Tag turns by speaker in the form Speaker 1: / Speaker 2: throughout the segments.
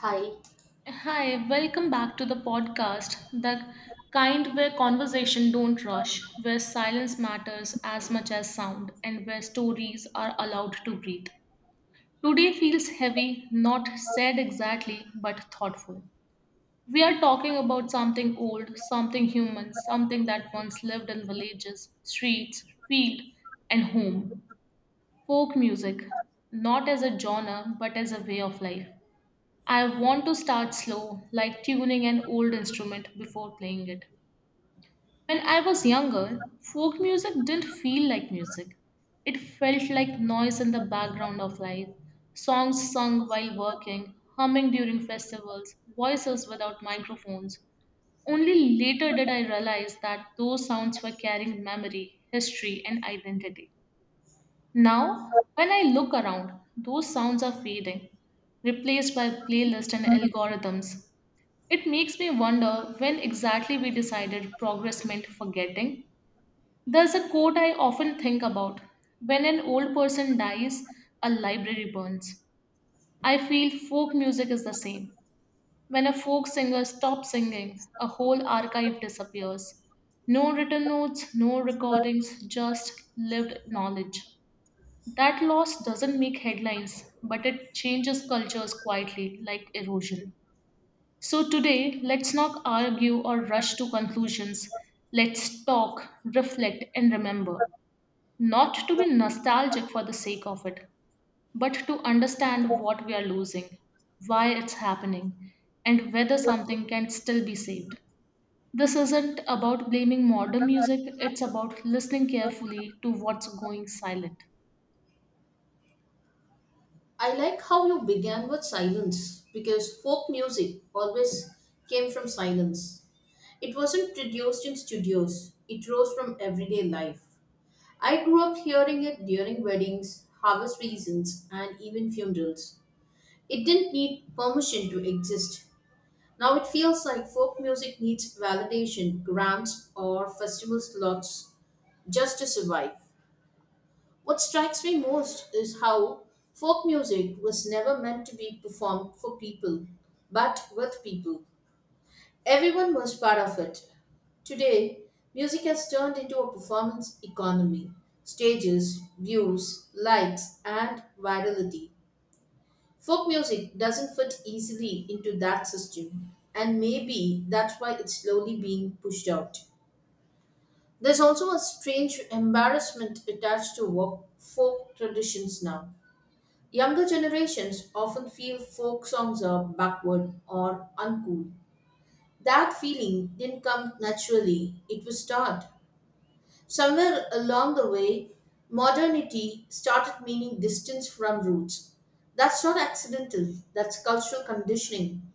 Speaker 1: Hi,
Speaker 2: Hi, welcome back to the podcast, the kind where conversation don't rush, where silence matters as much as sound, and where stories are allowed to breathe. Today feels heavy, not said exactly, but thoughtful. We are talking about something old, something human, something that once lived in villages, streets, field, and home. Folk music, not as a genre, but as a way of life. I want to start slow, like tuning an old instrument before playing it. When I was younger, folk music didn't feel like music. It felt like noise in the background of life, songs sung while working, humming during festivals, voices without microphones. Only later did I realize that those sounds were carrying memory, history, and identity. Now, when I look around, those sounds are fading, replaced by playlists and algorithms. It makes me wonder when exactly we decided progress meant forgetting. There's a quote I often think about. When an old person dies, a library burns. I feel folk music is the same. When a folk singer stops singing, a whole archive disappears. No written notes, no recordings, just lived knowledge. That loss doesn't make headlines, but it changes cultures quietly, like erosion. So, today, let's not argue or rush to conclusions. Let's talk, reflect, and remember. Not to be nostalgic for the sake of it, but to understand what we are losing, why it's happening, and whether something can still be saved. This isn't about blaming modern music, it's about listening carefully to what's going silent.
Speaker 1: I like how you began with silence because folk music always came from silence. It wasn't produced in studios, it rose from everyday life. I grew up hearing it during weddings, harvest seasons, and even funerals. It didn't need permission to exist. Now it feels like folk music needs validation, grants, or festival slots just to survive. What strikes me most is how folk music was never meant to be performed for people, but with people. Everyone was part of it. Today, music has turned into a performance economy: stages, views, likes, and virality. Folk music doesn't fit easily into that system, and maybe that's why it's slowly being pushed out. There's also a strange embarrassment attached to folk traditions now. Younger generations often feel folk songs are backward or uncool. That feeling didn't come naturally, it was taught. Somewhere along the way, modernity started meaning distance from roots. That's not accidental, that's cultural conditioning.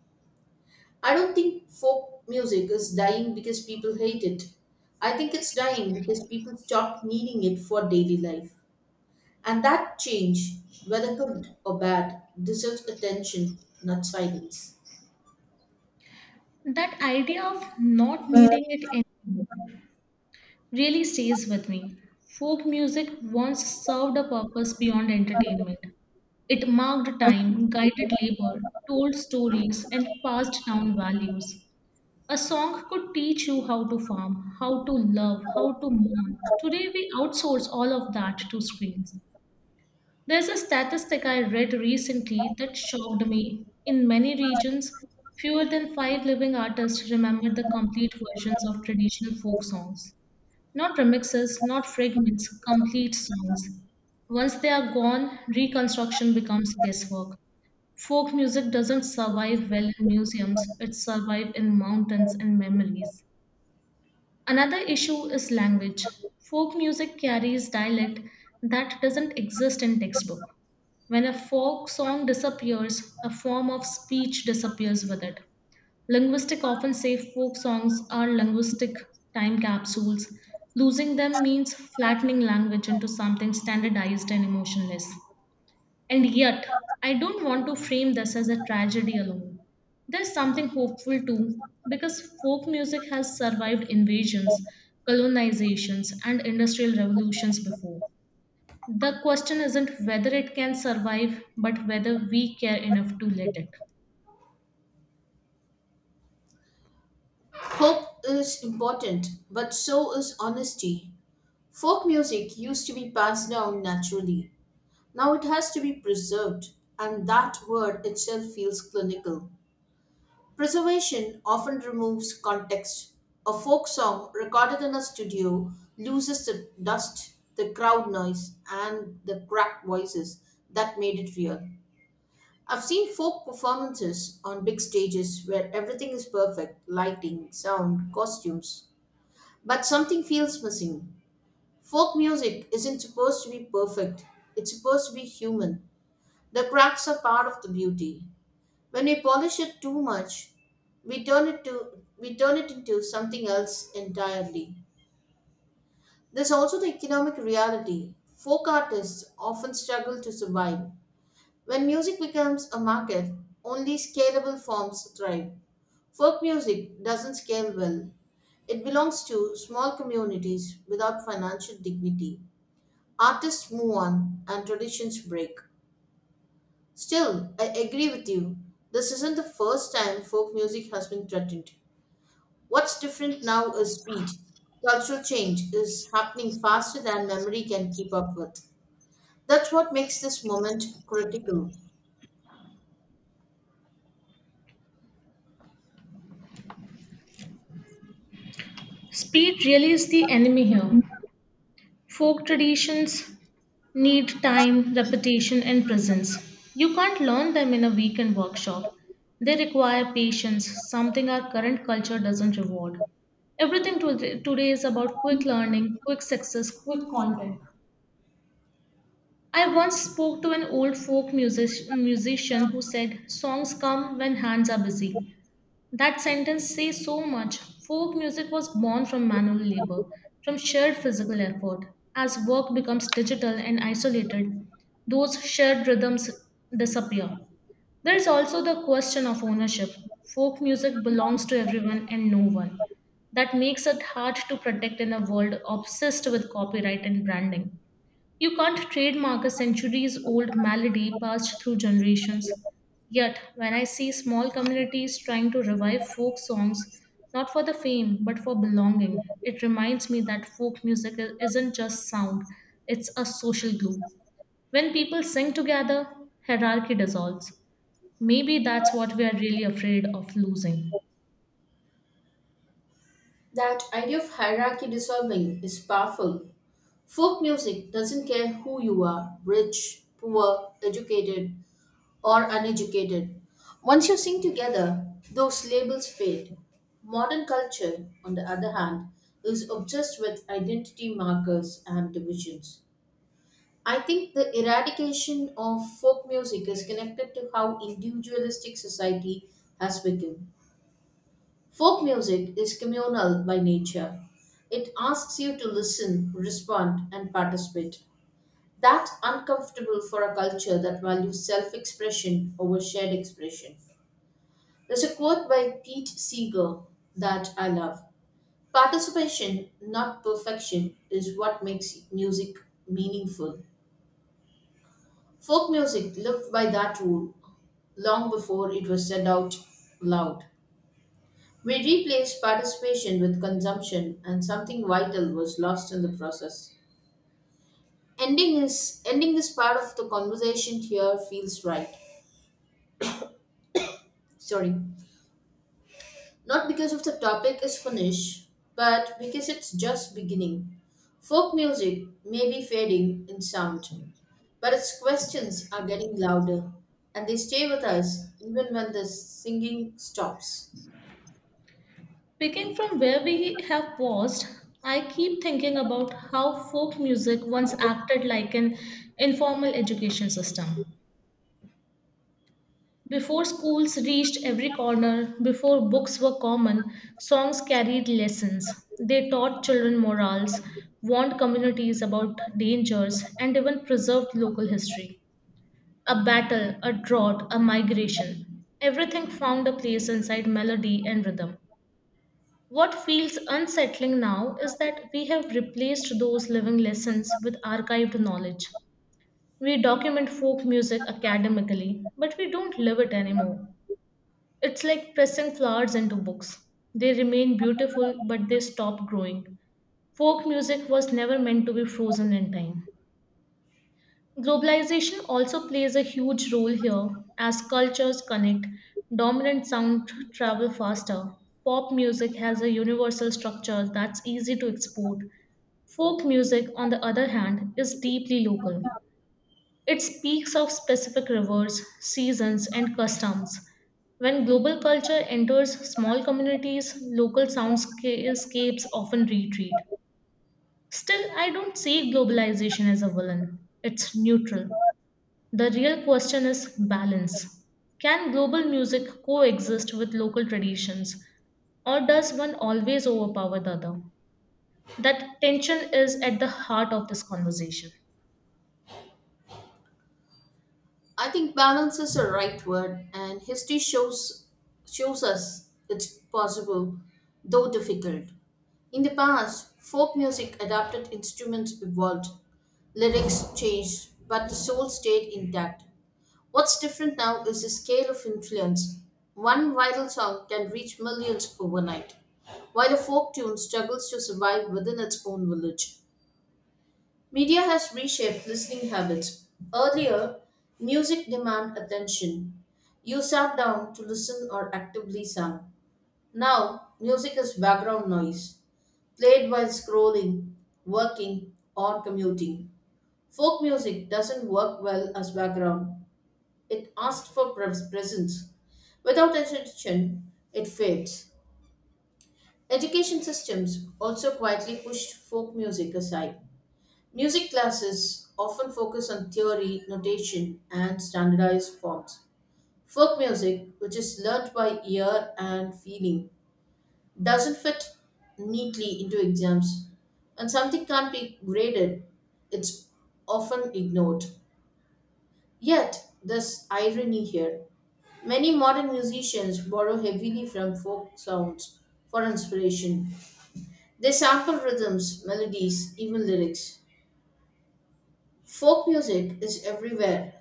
Speaker 1: I don't think folk music is dying because people hate it. I think it's dying because people stopped needing it for daily life. And that change, whether good or bad, deserves attention, not silence.
Speaker 2: That idea of not needing it anymore really stays with me. Folk music once served a purpose beyond entertainment. It marked time, guided labor, told stories, and passed down values. A song could teach you how to farm, how to love, how to mourn. Today, we outsource all of that to screens. There's a statistic I read recently that shocked me. In many regions, fewer than five living artists remember the complete versions of traditional folk songs. Not remixes, not fragments, complete songs. Once they are gone, reconstruction becomes guesswork. Folk music doesn't survive well in museums, it survives in mountains and memories. Another issue is language. Folk music carries dialect that doesn't exist in textbook. When a folk song disappears, a form of speech disappears with it. Linguistic often say folk songs are linguistic time capsules. Losing them means flattening language into something standardized and emotionless. And yet, I don't want to frame this as a tragedy alone. There's something hopeful too, because folk music has survived invasions, colonizations, and industrial revolutions before. The question isn't whether it can survive, but whether we care enough to let it.
Speaker 1: Hope is important, but so is honesty. Folk music used to be passed down naturally. Now it has to be preserved, and that word itself feels clinical. Preservation often removes context. A folk song recorded in a studio loses the dust, the crowd noise, and the cracked voices that made it real. I've seen folk performances on big stages where everything is perfect: lighting, sound, costumes, but something feels missing. Folk music isn't supposed to be perfect, it's supposed to be human. The cracks are part of the beauty. When we polish it too much, we turn it into something else entirely. There's also the economic reality. Folk artists often struggle to survive. When music becomes a market, only scalable forms thrive. Folk music doesn't scale well. It belongs to small communities without financial dignity. Artists move on and traditions break. Still, I agree with you. This isn't the first time folk music has been threatened. What's different now is speed. Cultural change is happening faster than memory can keep up with. That's what makes this moment critical.
Speaker 2: Speed really is the enemy here. Folk traditions need time, repetition, and presence. You can't learn them in a weekend workshop. They require patience, something our current culture doesn't reward. Everything today is about quick learning, quick success, quick content. I once spoke to an old folk musician who said, songs come when hands are busy. That sentence says so much. Folk music was born from manual labor, from shared physical effort. As work becomes digital and isolated, those shared rhythms disappear. There is also the question of ownership. Folk music belongs to everyone and no one. That makes it hard to protect in a world obsessed with copyright and branding. You can't trademark a centuries old malady passed through generations. Yet, when I see small communities trying to revive folk songs, not for the fame but for belonging, it reminds me that folk music isn't just sound, it's a social glue. When people sing together, hierarchy dissolves. Maybe that's what we are really afraid of losing.
Speaker 1: That idea of hierarchy dissolving is powerful. Folk music doesn't care who you are: rich, poor, educated, or uneducated. Once you sing together, those labels fade. Modern culture, on the other hand, is obsessed with identity markers and divisions. I think the eradication of folk music is connected to how individualistic society has become. Folk music is communal by nature. It asks you to listen, respond, and participate. That's uncomfortable for a culture that values self expression over shared expression. There's a quote by Pete Seeger that I love: Participation, not perfection, is what makes music meaningful. Folk music lived by that rule long before it was said out loud. We replaced participation with consumption, and something vital was lost in the process. Ending this part of the conversation here feels right. Sorry. Not because of the topic is finished, but because it's just beginning. Folk music may be fading in sound, but its questions are getting louder, and they stay with us even when the singing stops.
Speaker 2: Picking from where we have paused, I keep thinking about how folk music once acted like an informal education system. Before schools reached every corner, before books were common, songs carried lessons. They taught children morals, warned communities about dangers, and even preserved local history. A battle, a drought, a migration. Everything found a place inside melody and rhythm. What feels unsettling now is that we have replaced those living lessons with archived knowledge. We document folk music academically, but we don't live it anymore. It's like pressing flowers into books. They remain beautiful, but they stop growing. Folk music was never meant to be frozen in time. Globalization also plays a huge role here as cultures connect. Dominant sound travel faster. Pop music has a universal structure that's easy to export. Folk music, on the other hand, is deeply local. It speaks of specific rivers, seasons, and customs. When global culture enters small communities, local soundscapes often retreat. Still, I don't see globalization as a villain. It's neutral. The real question is balance. Can global music coexist with local traditions, or does one always overpower the other? That tension is at the heart of this conversation.
Speaker 1: I think balance is the right word, and history shows us it's possible, though difficult. In the past, folk music adapted: instruments evolved, lyrics changed, but the soul stayed intact. What's different now is the scale of influence. One viral song can reach millions overnight, while a folk tune struggles to survive within its own village. Media has reshaped listening habits. Earlier, music demanded attention. You sat down to listen or actively sang. Now, music is background noise, played while scrolling, working, or commuting. Folk music doesn't work well as background, it asked for presence. Without attention, it fades. Education systems also quietly pushed folk music aside. Music classes often focus on theory, notation, and standardized forms. Folk music, which is learnt by ear and feeling, doesn't fit neatly into exams. When something can't be graded, it's often ignored. Yet, there's irony here. Many modern musicians borrow heavily from folk sounds for inspiration. They sample rhythms, melodies, even lyrics. Folk music is everywhere,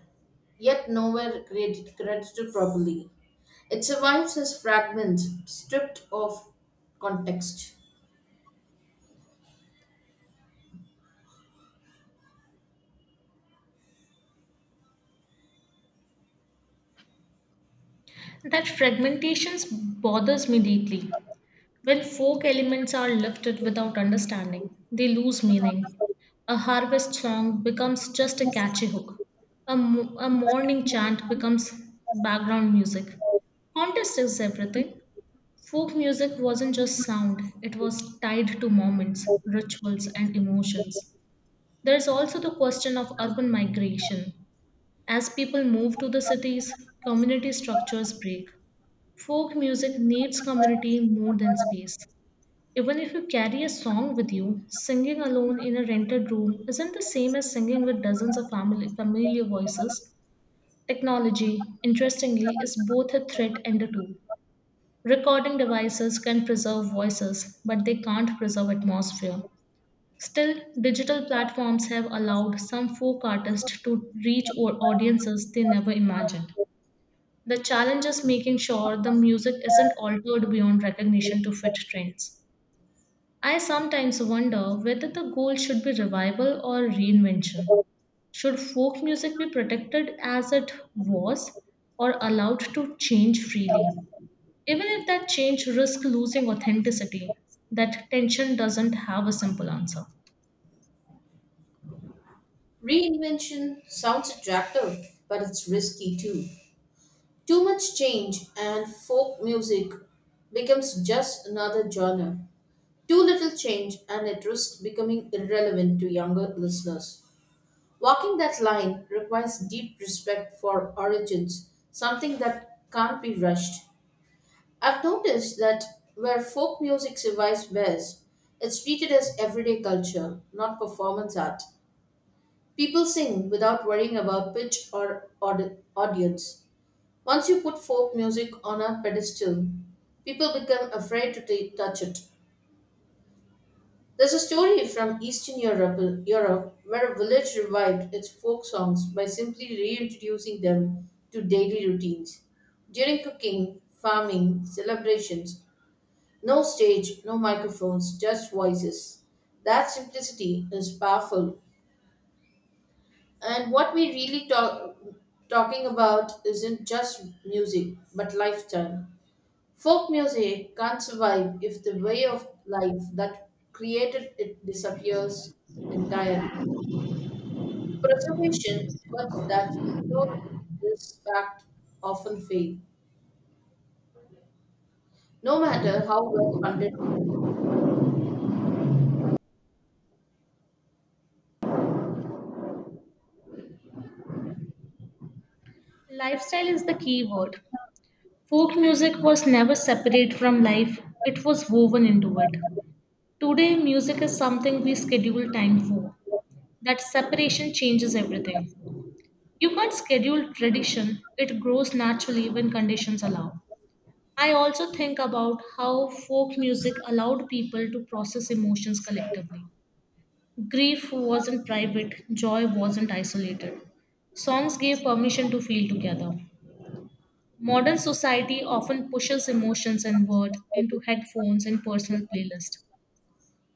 Speaker 1: yet nowhere created, credited properly. It survives as fragments stripped of context.
Speaker 2: That fragmentation bothers me deeply. When folk elements are lifted without understanding, they lose meaning. A harvest song becomes just a catchy hook. A morning chant becomes background music. Context is everything. Folk music wasn't just sound, it was tied to moments, rituals, and emotions. There's also the question of urban migration. As people move to the cities, community structures break. Folk music needs community more than space. Even if you carry a song with you, singing alone in a rented room isn't the same as singing with dozens of family, familiar voices. Technology, interestingly, is both a threat and a tool. Recording devices can preserve voices, but they can't preserve atmosphere. Still, digital platforms have allowed some folk artists to reach audiences they never imagined. The challenge is making sure the music isn't altered beyond recognition to fit trends. I sometimes wonder whether the goal should be revival or reinvention. Should folk music be protected as it was or allowed to change freely? Even if that change risks losing authenticity, that tension doesn't have a simple answer.
Speaker 1: Reinvention sounds attractive, but it's risky too. Too much change, and folk music becomes just another genre. Too little change and it risks becoming irrelevant to younger listeners. Walking that line requires deep respect for origins, something that can't be rushed. I've noticed that where folk music survives best, it's treated as everyday culture, not performance art. People sing without worrying about pitch or audience. Once you put folk music on a pedestal, people become afraid to touch it. There's a story from Europe where a village revived its folk songs by simply reintroducing them to daily routines. During cooking, farming, celebrations, no stage, no microphones, just voices. That simplicity is powerful. And what we talking about isn't just music, but lifestyle. Folk music can't survive if the way of life that created it disappears entirely. Preservation efforts that ignore this fact often fail, no matter how well funded
Speaker 2: Lifestyle is the key word. Folk music was never separate from life, it was woven into it. Today, music is something we schedule time for. That separation changes everything. You can't schedule tradition, it grows naturally when conditions allow. I also think about how folk music allowed people to process emotions collectively. Grief wasn't private, joy wasn't isolated. Songs gave permission to feel together. Modern society often pushes emotions and word into headphones and personal playlists.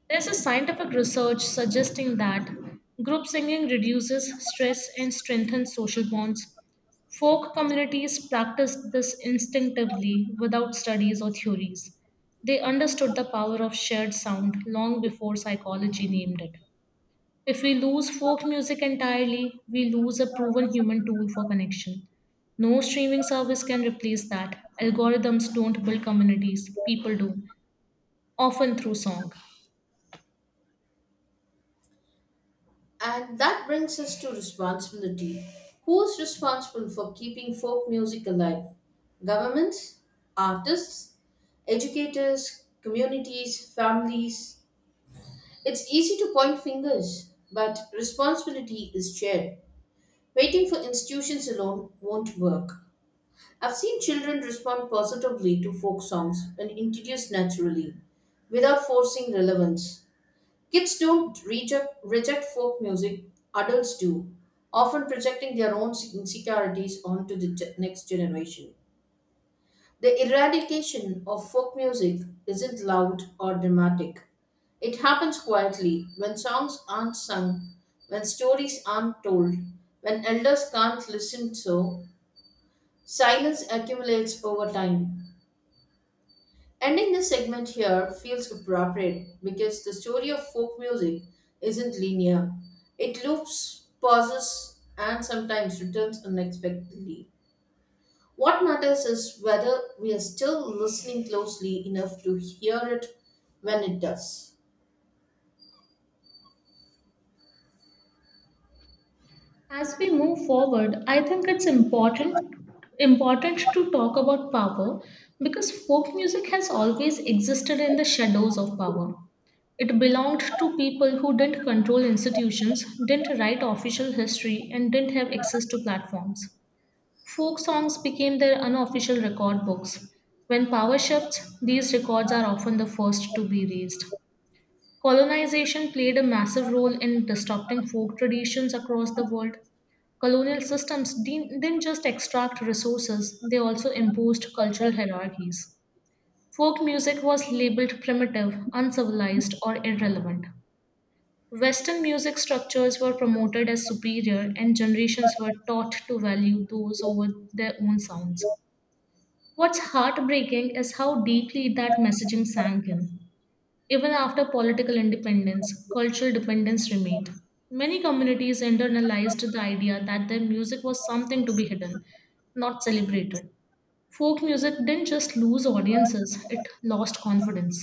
Speaker 2: There's a scientific research suggesting that group singing reduces stress and strengthens social bonds. Folk communities practiced this instinctively without studies or theories. They understood the power of shared sound long before psychology named it. If we lose folk music entirely, we lose a proven human tool for connection. No streaming service can replace that. Algorithms don't build communities, people do, often through song.
Speaker 1: they are. And that brings us to responsibility. Who's responsible for keeping folk music alive? Governments, artists, educators, communities, families. It's easy to point fingers, but responsibility is shared. Waiting for institutions alone won't work. I've seen children respond positively to folk songs when introduced naturally, without forcing relevance. Kids don't reject folk music, adults do, often projecting their own insecurities onto the next generation. The eradication of folk music isn't loud or dramatic. It happens quietly when songs aren't sung, when stories aren't told, when elders can't listen so. Silence accumulates over time. Ending this segment here feels appropriate because the story of folk music isn't linear. It loops, pauses, and sometimes returns unexpectedly. What matters is whether we are still listening closely enough to hear it when it does.
Speaker 2: As we move forward, I think it's important to talk about power because folk music has always existed in the shadows of power. It belonged to people who didn't control institutions, didn't write official history, and didn't have access to platforms. Folk songs became their unofficial record books. When power shifts, these records are often the first to be raised. Colonization played a massive role in disrupting folk traditions across the world. Colonial systems didn't just extract resources, they also imposed cultural hierarchies. Folk music was labeled primitive, uncivilized, or irrelevant. Western music structures were promoted as superior, and generations were taught to value those over their own sounds. What's heartbreaking is how deeply that messaging sank in. Even after political independence, cultural dependence remained. Many communities internalized the idea that their music was something to be hidden, not celebrated. Folk music didn't just lose audiences, it lost confidence.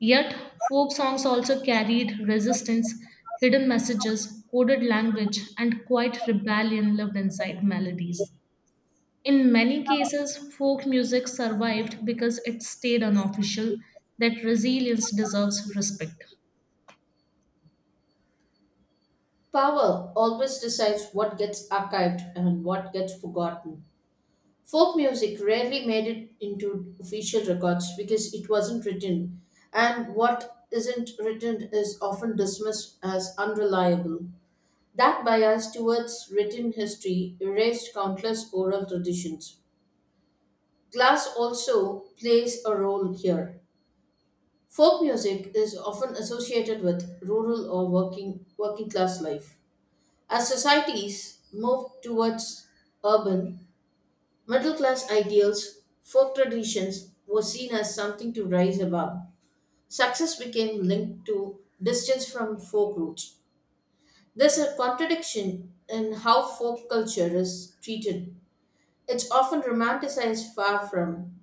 Speaker 2: Yet, folk songs also carried resistance, hidden messages, coded language, and quiet rebellion lived inside melodies. In many cases, folk music survived because it stayed unofficial. That resilience deserves respect.
Speaker 1: Power always decides what gets archived and what gets forgotten. Folk music rarely made it into official records because it wasn't written, and what isn't written is often dismissed as unreliable. That bias towards written history erased countless oral traditions. Glass also plays a role here. Folk music is often associated with rural or working class life. As societies move towards urban, middle class ideals, folk traditions were seen as something to rise above. Success became linked to distance from folk roots. There's a contradiction in how folk culture is treated. It's often romanticized far from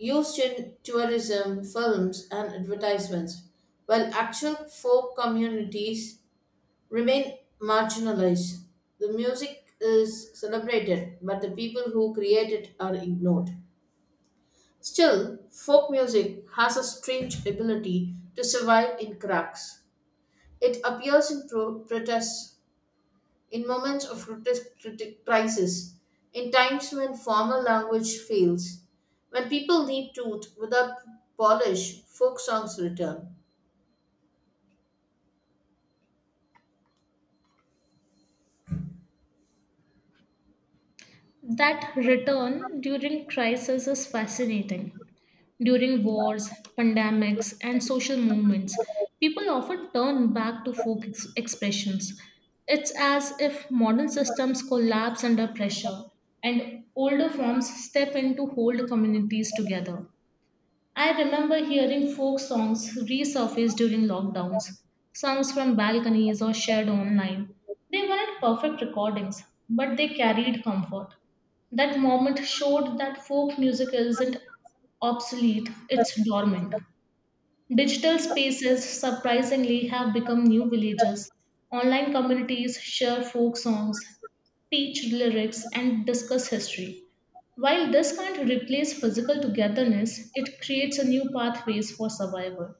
Speaker 1: used in tourism, films, and advertisements, while actual folk communities remain marginalized. The music is celebrated, but the people who create it are ignored. Still, folk music has a strange ability to survive in cracks. It appears in protests, in moments of crisis, in times when formal language fails, when people need truth without polish, folk songs return.
Speaker 2: That return during crisis is fascinating. During wars, pandemics, and social movements, people often turn back to folk expressions. It's as if modern systems collapse under pressure and older forms step in to hold communities together. I remember hearing folk songs resurface during lockdowns, songs from balconies or shared online. They weren't perfect recordings, but they carried comfort. That moment showed that folk music isn't obsolete, it's dormant. Digital spaces surprisingly have become new villages. Online communities share folk songs, teach lyrics, and discuss history. While this can't replace physical togetherness, it creates a new pathways for survival.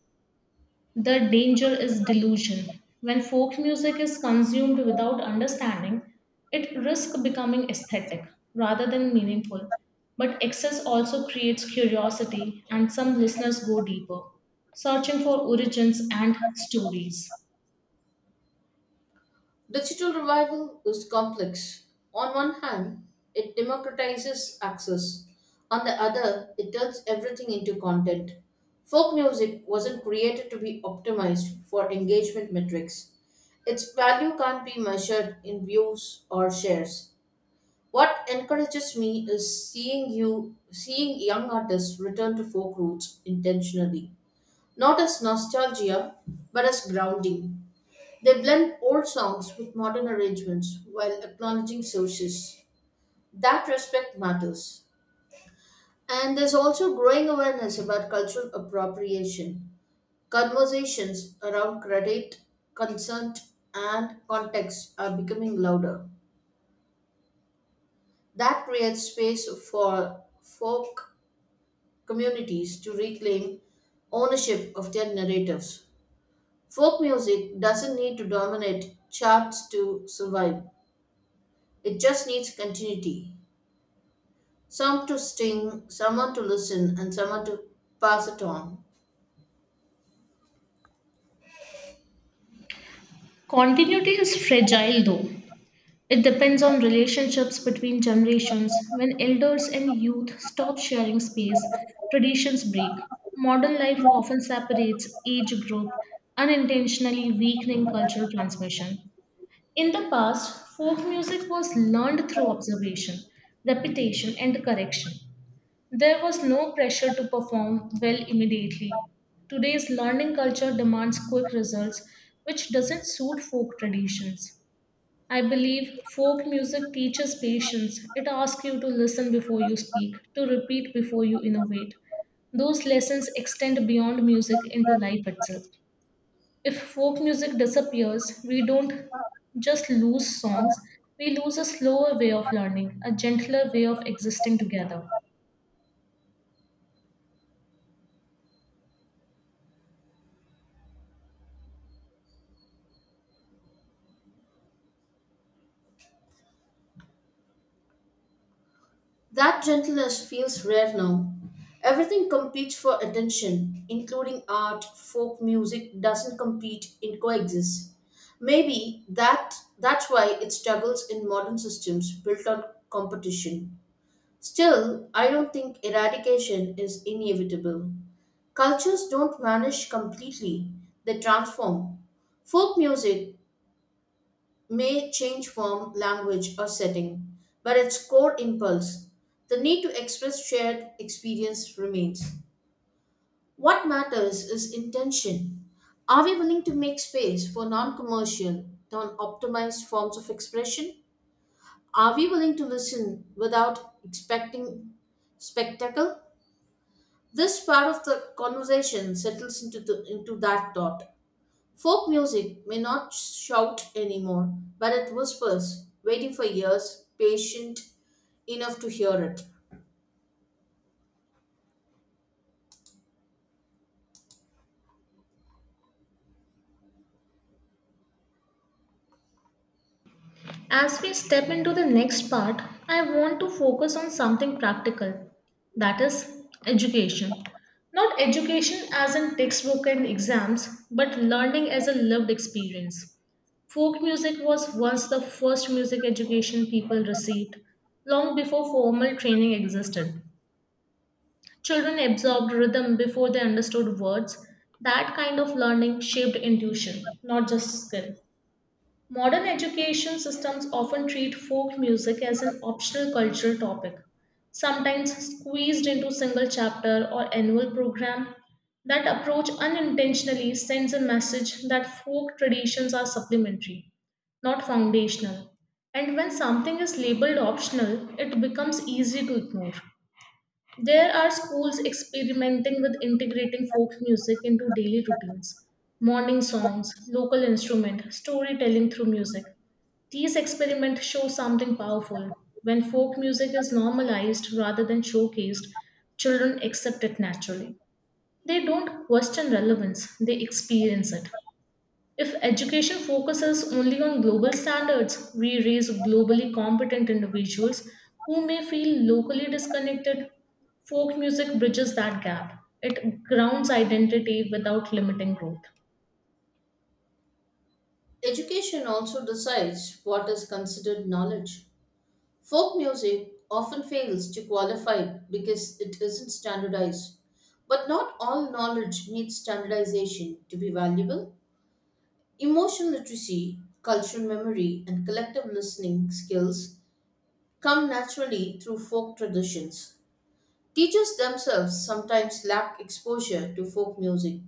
Speaker 2: The danger is delusion. When folk music is consumed without understanding, it risks becoming aesthetic rather than meaningful. But excess also creates curiosity, and some listeners go deeper, searching for origins and stories.
Speaker 1: Digital revival is complex. On one hand, it democratizes access. On the other, it turns everything into content. Folk music wasn't created to be optimized for engagement metrics. Its value can't be measured in views or shares. What encourages me is seeing young artists return to folk roots intentionally, not as nostalgia but as grounding. They blend old songs with modern arrangements while acknowledging sources. That respect matters. And there's also growing awareness about cultural appropriation. Conversations around credit, consent, and context are becoming louder. That creates space for folk communities to reclaim ownership of their narratives. Folk music doesn't need to dominate charts to survive, it just needs continuity. Some to sting, someone to listen, and someone to pass it on.
Speaker 2: Continuity is fragile though. It depends on relationships between generations. When elders and youth stop sharing space, traditions break. Modern life often separates age group, unintentionally weakening cultural transmission. In the past, folk music was learned through observation, repetition, and correction. There was no pressure to perform well immediately. Today's learning culture demands quick results, which doesn't suit folk traditions. I believe folk music teaches patience. It asks you to listen before you speak, to repeat before you innovate. Those lessons extend beyond music into life itself. If folk music disappears, we don't just lose songs, we lose a slower way of learning, a gentler way of existing together.
Speaker 1: That gentleness feels rare now. Everything competes for attention, including art, folk music doesn't compete, it coexists. Maybe that's why it struggles in modern systems built on competition. Still, I don't think eradication is inevitable. Cultures don't vanish completely, they transform. Folk music may change form, language, or setting, but its core impulse, the need to express shared experience, remains. What matters is intention. Are we willing to make space for non commercial, non optimized forms of expression? Are we willing to listen without expecting spectacle? This part of the conversation settles into that thought. Folk music may not shout anymore, but it whispers, waiting for ears patient enough to hear it.
Speaker 2: As we step into the next part, I want to focus on something practical, that is, education. Not education as in textbook and exams, but learning as a lived experience. Folk music was once the first music education people received, long before formal training existed. Children absorbed rhythm before they understood words. That kind of learning shaped intuition, not just skill. Modern education systems often treat folk music as an optional cultural topic, sometimes squeezed into single chapter or annual program. That approach unintentionally sends a message that folk traditions are supplementary, not foundational. And when something is labeled optional, it becomes easy to ignore. There are schools experimenting with integrating folk music into daily routines, morning songs, local instrument, storytelling through music. These experiments show something powerful. When folk music is normalized rather than showcased, children accept it naturally. They don't question relevance, they experience it. If education focuses only on global standards, we raise globally competent individuals who may feel locally disconnected. Folk music bridges that gap. It grounds identity without limiting growth.
Speaker 1: Education also decides what is considered knowledge. Folk music often fails to qualify because it isn't standardized. But not all knowledge needs standardization to be valuable. Emotional literacy, cultural memory, and collective listening skills come naturally through folk traditions. Teachers themselves sometimes lack exposure to folk music,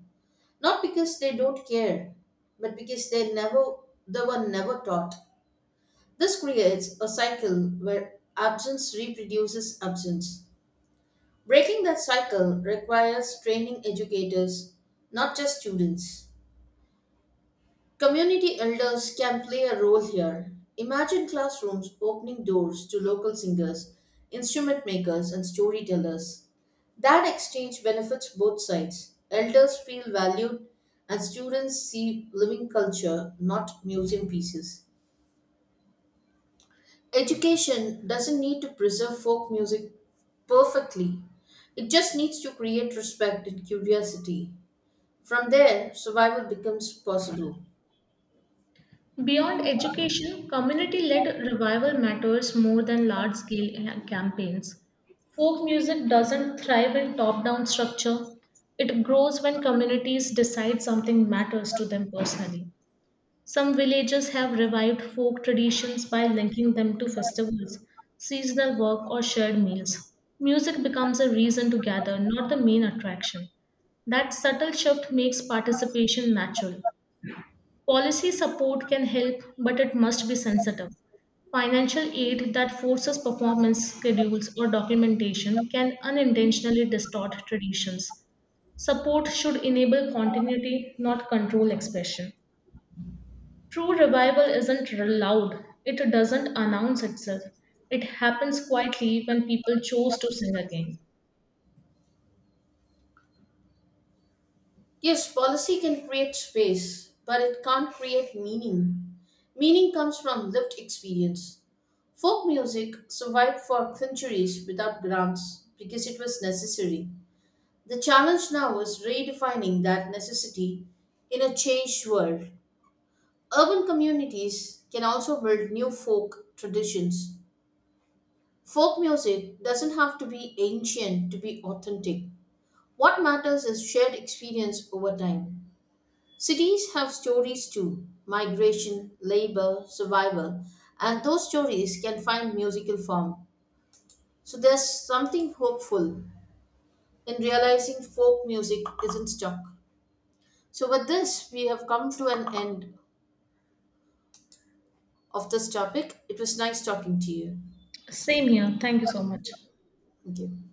Speaker 1: not because they don't care, but because they were never taught. This creates a cycle where absence reproduces absence. Breaking that cycle requires training educators, not just students. Community elders can play a role here. Imagine classrooms opening doors to local singers, instrument makers, and storytellers. That exchange benefits both sides. Elders feel valued, and students see living culture, not museum pieces. Education doesn't need to preserve folk music perfectly, it just needs to create respect and curiosity. From there, survival becomes possible.
Speaker 2: Beyond education, community led revival matters more than large scale campaigns. Folk music doesn't thrive in top down structure, it grows when communities decide something matters to them personally. Some villages have revived folk traditions by linking them to festivals, seasonal work, or shared meals. Music becomes a reason to gather, not the main attraction. That subtle shift makes participation natural. Policy support can help, but it must be sensitive. Financial aid that forces performance schedules or documentation can unintentionally distort traditions. Support should enable continuity, not control expression. True revival isn't loud, it doesn't announce itself. It happens quietly when people choose to sing again.
Speaker 1: Yes, policy can create space, but it can't create meaning. Meaning comes from lived experience. Folk music survived for centuries without grants because it was necessary. The challenge now is redefining that necessity in a changed world. Urban communities can also build new folk traditions. Folk music doesn't have to be ancient to be authentic. What matters is shared experience over time. Cities have stories too: migration, labor, survival, and those stories can find musical form. So there's something hopeful in realizing folk music isn't stuck. So, with this, we have come to an end of this topic. It was nice talking to you.
Speaker 2: Same here. Thank you so much.
Speaker 1: Thank you.